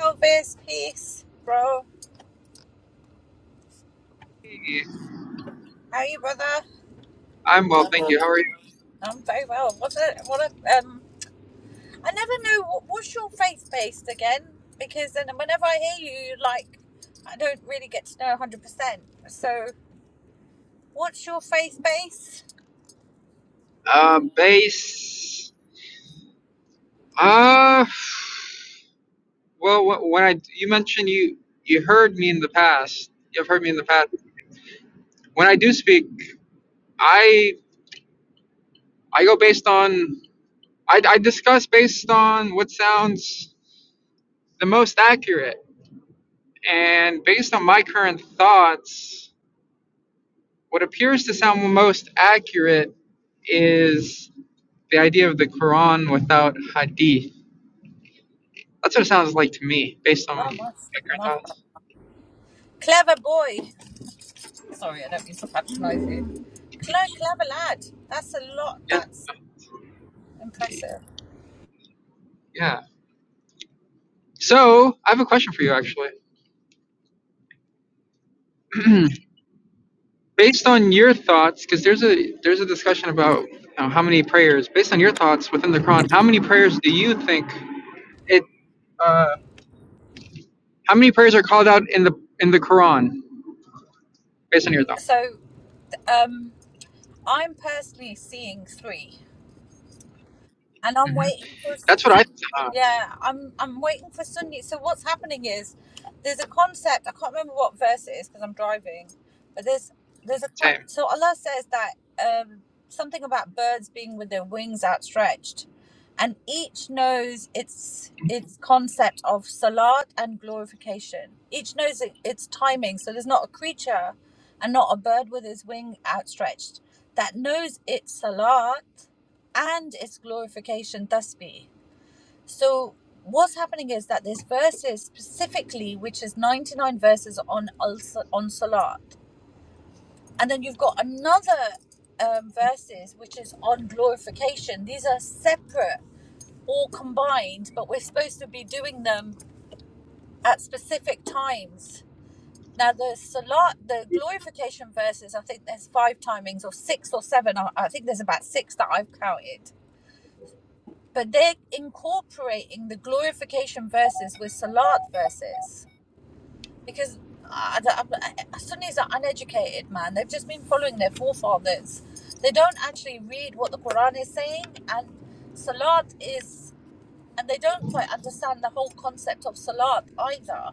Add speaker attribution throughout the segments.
Speaker 1: Elvis, peace, bro.
Speaker 2: Hey,
Speaker 1: How are you, brother?
Speaker 2: I'm well, thank you. How are you?
Speaker 1: I'm very well. What a what a um. I never know what, what's your faith based again because then whenever I hear you, like I don't really get to know one hundred percent. So what's your faith base?
Speaker 2: Um, bass. Uh, well, wh- when I you mentioned you you heard me in the past. You've heard me in the past. When I do speak, I I go based on I, I discuss based on what sounds the most accurate, and based on my current thoughts, what appears to sound most accurate is the idea of the Quran without hadith That's what it sounds like to me, based on my
Speaker 1: Oh my,
Speaker 2: current
Speaker 1: my
Speaker 2: thoughts.
Speaker 1: clever boy. Sorry, I don't mean to patronise you. Cle- clever lad. That's a lot.
Speaker 2: Yeah,
Speaker 1: That's impressive.
Speaker 2: yeah. So I have a question for you, actually. based on your thoughts, because there's a there's a discussion about you know, how many prayers. Based on your thoughts within the Quran, how many prayers do you think it? Uh, how many prayers are called out in the in the Quran? Based on your thoughts,
Speaker 1: So um, I'm personally seeing three, and I'm
Speaker 2: hmm
Speaker 1: waiting for.
Speaker 2: that's what I thought.
Speaker 1: Yeah, I'm I'm waiting for Sunday. So what's happening is there's a concept. I can't remember what verse it is because I'm driving, but there's there's a co-
Speaker 2: Same.
Speaker 1: so Allah says that um, something about birds being with their wings outstretched, and each knows its its concept of salat and glorification. Each knows it, its timing. So there's not a creature, and not a bird with his wing outstretched that knows its salat and its glorification tasbih. So what's happening is that there's verses specifically, which is 99 verses on on salat, and then you've got another um, verses which is on glorification. These are separate, or combined, but we're supposed to be doing them at specific times. Now the salat, the glorification verses, I think there's five timings or six or seven. I think there's about six that I've counted. But they're incorporating the glorification verses with salat verses because I, I, I- Sunnis are uneducated, man. They've just been following their forefathers. They don't actually read what the Quran is saying, and Salat is, and they don't quite understand the whole concept of Salat either.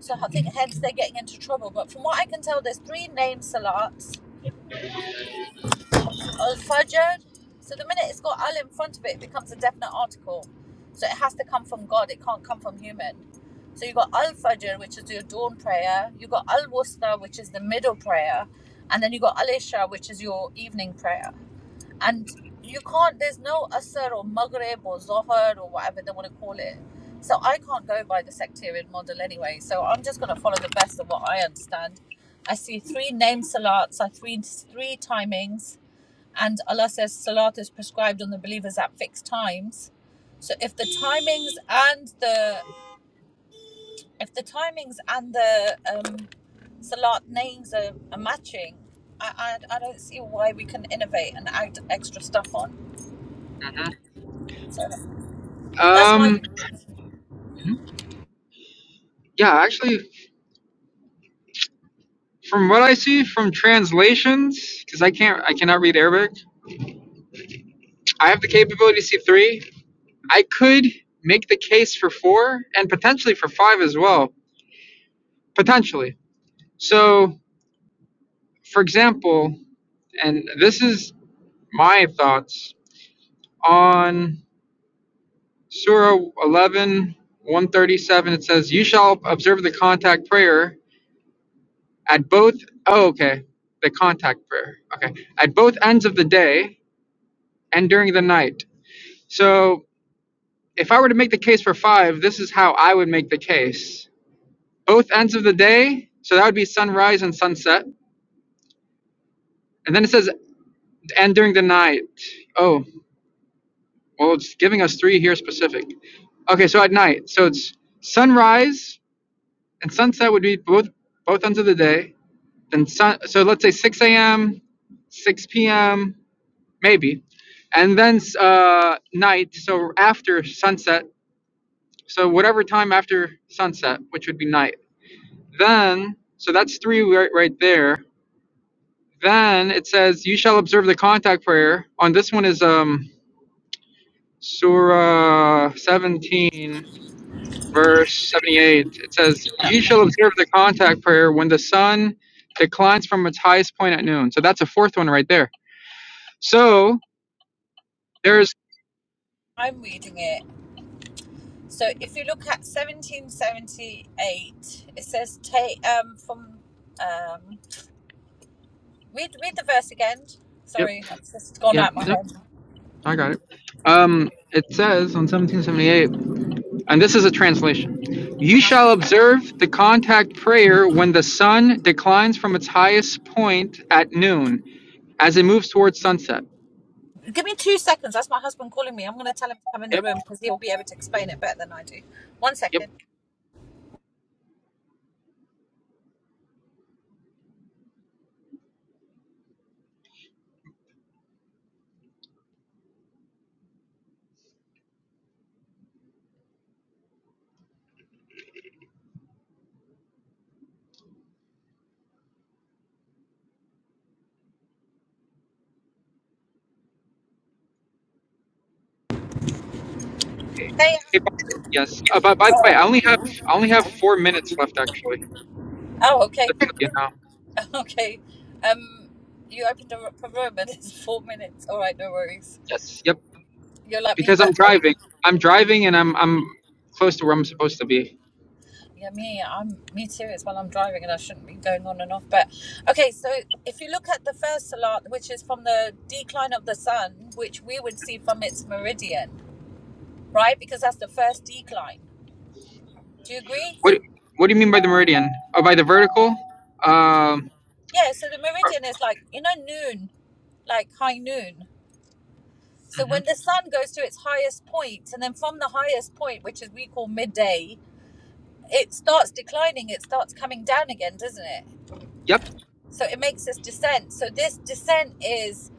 Speaker 1: So I think hence they're getting into trouble. But from what I can tell, there's three named Salats al fajr. So the minute it's got al in front of it, it becomes a definite article. So it has to come from God. It can't come from human. So you have got al fajr, which is your dawn prayer. You have got al wusta, which is the middle prayer, and then you have got al isha, which is your evening prayer. And you can't. There's no asr or maghrib or zohar or whatever they want to call it. So I can't go by the sectarian model anyway. So I'm just going to follow the best of what I understand. I see three name salats, I see three three timings and Allah says Salat is prescribed on the believers at fixed times. So if the timings and the if the timings and the um, Salat names are, are matching, I, I I don't see why we can innovate and add extra stuff on.
Speaker 2: hmm
Speaker 1: That's why
Speaker 2: Um. Yeah. Actually, from what I see from translations, because I can't I cannot read Arabic. I have the capability to see three, I could make the case for four and potentially for five as well. Potentially. So, for example, and this is my thoughts on Surah 11:137. It says, You shall observe the contact prayer at both. Oh, okay. The contact prayer. Okay. At both ends of the day and during the night. So, if I were to make the case for five, this is how I would make the case both ends of the day. So that would be sunrise and sunset. And then it says, and during the night. Oh, well, it's giving us three here specific. Okay, so at night. So it's sunrise and sunset would be both both ends of the day. Then sun. So let's say 6 a.m., 6 p.m., maybe, and then uh, night. So after sunset. So whatever time after sunset, which would be night. Then so that's three right, right there. Then it says, "You shall observe the contact prayer." On this one is um Surah 17, verse 78. It says, "You shall observe the contact prayer when the sun declines from its highest point at noon." So that's a fourth one right there. So there's
Speaker 1: I'm reading it. So if you look at 1778, it says take um from um read read the verse again.
Speaker 2: yep
Speaker 1: Sorry, it's just gone
Speaker 2: yep
Speaker 1: out my
Speaker 2: yep
Speaker 1: head.
Speaker 2: I got it. Um, it says on 1778, and this is a translation.
Speaker 1: Uh-huh.
Speaker 2: You shall observe the contact prayer when the sun declines from its highest point at noon. as it moves towards sunset.
Speaker 1: Give me two seconds. That's my husband calling me. I'm going to tell him to come in the
Speaker 2: Yep,
Speaker 1: room because he'll be able to explain it better than I do. One
Speaker 2: yep,
Speaker 1: second. Hey. uh,
Speaker 2: yep. Yes. Uh, but by the
Speaker 1: All
Speaker 2: way,
Speaker 1: right.
Speaker 2: I only have I only have four minutes left actually.
Speaker 1: Oh, okay.
Speaker 2: Just so You know.
Speaker 1: Okay. Um, you opened a, r- a room and it's four minutes. All right, no worries.
Speaker 2: Yes. Yep.
Speaker 1: You're like me,
Speaker 2: Because I'm
Speaker 1: but
Speaker 2: driving. I'm driving and I'm I'm close to where I'm supposed to be.
Speaker 1: yeah, me, I'm me too. It's while I'm driving and I shouldn't be going on and off. But okay, so if you look at the first salat, which is from the decline of the sun, which we would see from its meridian, right? Because that's the first decline. Do you agree?
Speaker 2: What What do you mean by the meridian? Oh, by the vertical? Um.
Speaker 1: Yeah, so the meridian is like, you know, noon, like high noon. So
Speaker 2: mhm.
Speaker 1: when the sun goes to its highest point, and then from the highest point, which is we call midday, it starts declining, it starts coming down again, doesn't it?
Speaker 2: Yep.
Speaker 1: So it makes this descent. So this descent is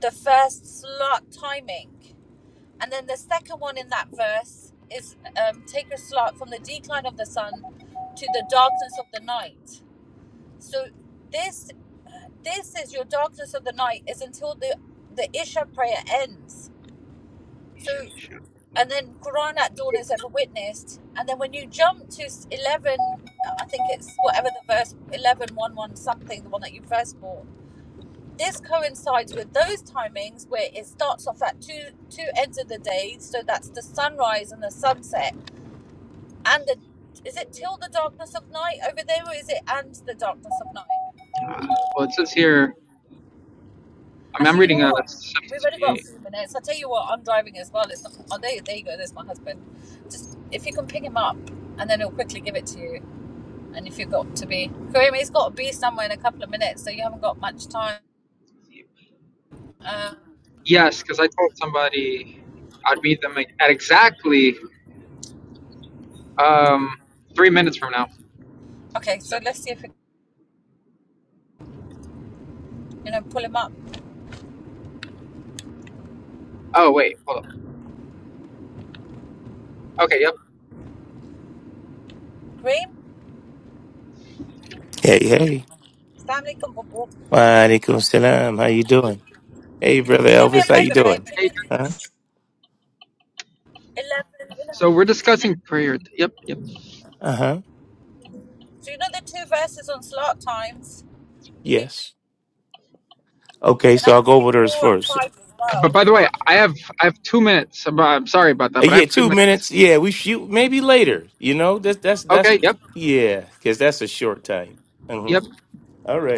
Speaker 1: the first slot timing. And then the second one in that verse is um, take a slot from the decline of the sun to the darkness of the night. So this This is your darkness of the night is until the the Isha prayer ends. So and then Quran at dawn is ever witnessed, and then when you jump to eleven, I think it's whatever the verse eleven one 1, 1 something, the one that you first bought. This coincides with those timings where it starts off at two two ends of the day, so that's the sunrise and the sunset, and the is it till the darkness of night over there, or is it and the darkness of night?
Speaker 2: Well, it says here. I mean, I'm
Speaker 1: Actually, you know
Speaker 2: reading a
Speaker 1: what? We've already got a
Speaker 2: 1778.
Speaker 1: few minutes. I'll tell you what, I'm driving as well. It's not, oh, there, there you go. There's my husband. Just if you can pick him up, and then he'll quickly give it to you. And if you've got to be, Kareem, he's got to be somewhere in a couple of minutes, so you haven't got much time. Uh,
Speaker 2: Yes, because I told somebody I'd meet them at exactly um three minutes from now.
Speaker 1: okay,
Speaker 2: So-
Speaker 1: so let's see if we, you know, pull him up.
Speaker 2: oh wait, hold up. Okay. Yep.
Speaker 1: Kareem,
Speaker 3: Hey, hey.
Speaker 1: family can walk.
Speaker 3: Waalaikum salam. How you doing? Hey, brother
Speaker 1: Do me a
Speaker 3: Elvis. How you
Speaker 1: favor, babe.
Speaker 3: doing?
Speaker 1: Can you
Speaker 3: Huh?
Speaker 1: eleven? You know,
Speaker 2: So we're discussing prayer. Yep, yep.
Speaker 3: Uh huh.
Speaker 1: so you know the two verses on slot times. Can
Speaker 3: Yes.
Speaker 1: you-
Speaker 3: Okay,
Speaker 1: Then I
Speaker 3: so I'll
Speaker 1: can
Speaker 3: go
Speaker 1: see
Speaker 3: over those
Speaker 1: four and
Speaker 3: first.
Speaker 1: five as
Speaker 2: But
Speaker 1: well.
Speaker 2: by the way, I have I have two minutes. I'm, I'm sorry about that,
Speaker 3: Uh,
Speaker 2: but I
Speaker 3: yeah,
Speaker 2: have two
Speaker 3: two
Speaker 2: minutes.
Speaker 3: minutes. Yeah, we shoot maybe later. You know, that's that's that's
Speaker 2: Okay. Yep.
Speaker 3: yeah, because that's a short time. Uh-huh.
Speaker 2: Yep.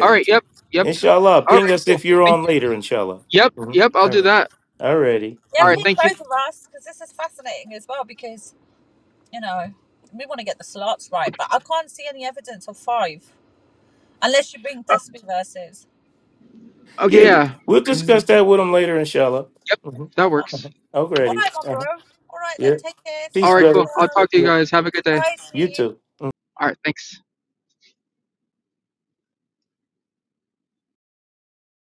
Speaker 2: All right. Yep. Yep.
Speaker 3: Inshallah,
Speaker 2: All right.
Speaker 3: ping us
Speaker 2: Cool.
Speaker 3: if you're
Speaker 2: Thank
Speaker 3: on
Speaker 2: you.
Speaker 3: later. Inshallah.
Speaker 2: Yep.
Speaker 3: Mm-hmm.
Speaker 2: Yep. I'll
Speaker 3: All
Speaker 2: do
Speaker 3: right.
Speaker 2: that.
Speaker 3: Alrighty.
Speaker 1: Yeah,
Speaker 2: All right.
Speaker 3: Mm-hmm.
Speaker 1: ping
Speaker 2: Thank you.
Speaker 1: both of us because this is fascinating as well. Because You know, we want to get the slots right, but I can't see any evidence of five unless you bring
Speaker 2: Uh,
Speaker 1: Tasbih verses.
Speaker 2: Okay.
Speaker 3: Yeah,
Speaker 2: Yeah.
Speaker 3: we'll
Speaker 2: Mm,
Speaker 3: discuss that with him later. Inshallah.
Speaker 2: Yep.
Speaker 3: Mm-hmm.
Speaker 2: That works.
Speaker 3: Uh-huh.
Speaker 1: All
Speaker 3: Alrighty.
Speaker 1: right, my
Speaker 3: Uh-huh.
Speaker 1: bro. All right, then
Speaker 3: Yeah.
Speaker 1: take care.
Speaker 2: All
Speaker 3: Peace,
Speaker 1: Salam
Speaker 2: right. Cool.
Speaker 3: brother.
Speaker 2: I'll
Speaker 1: alaikum.
Speaker 2: talk to you
Speaker 3: Yeah.
Speaker 2: guys. Have a good day.
Speaker 1: I see
Speaker 3: You
Speaker 1: you.
Speaker 3: too.
Speaker 2: All right. Thanks.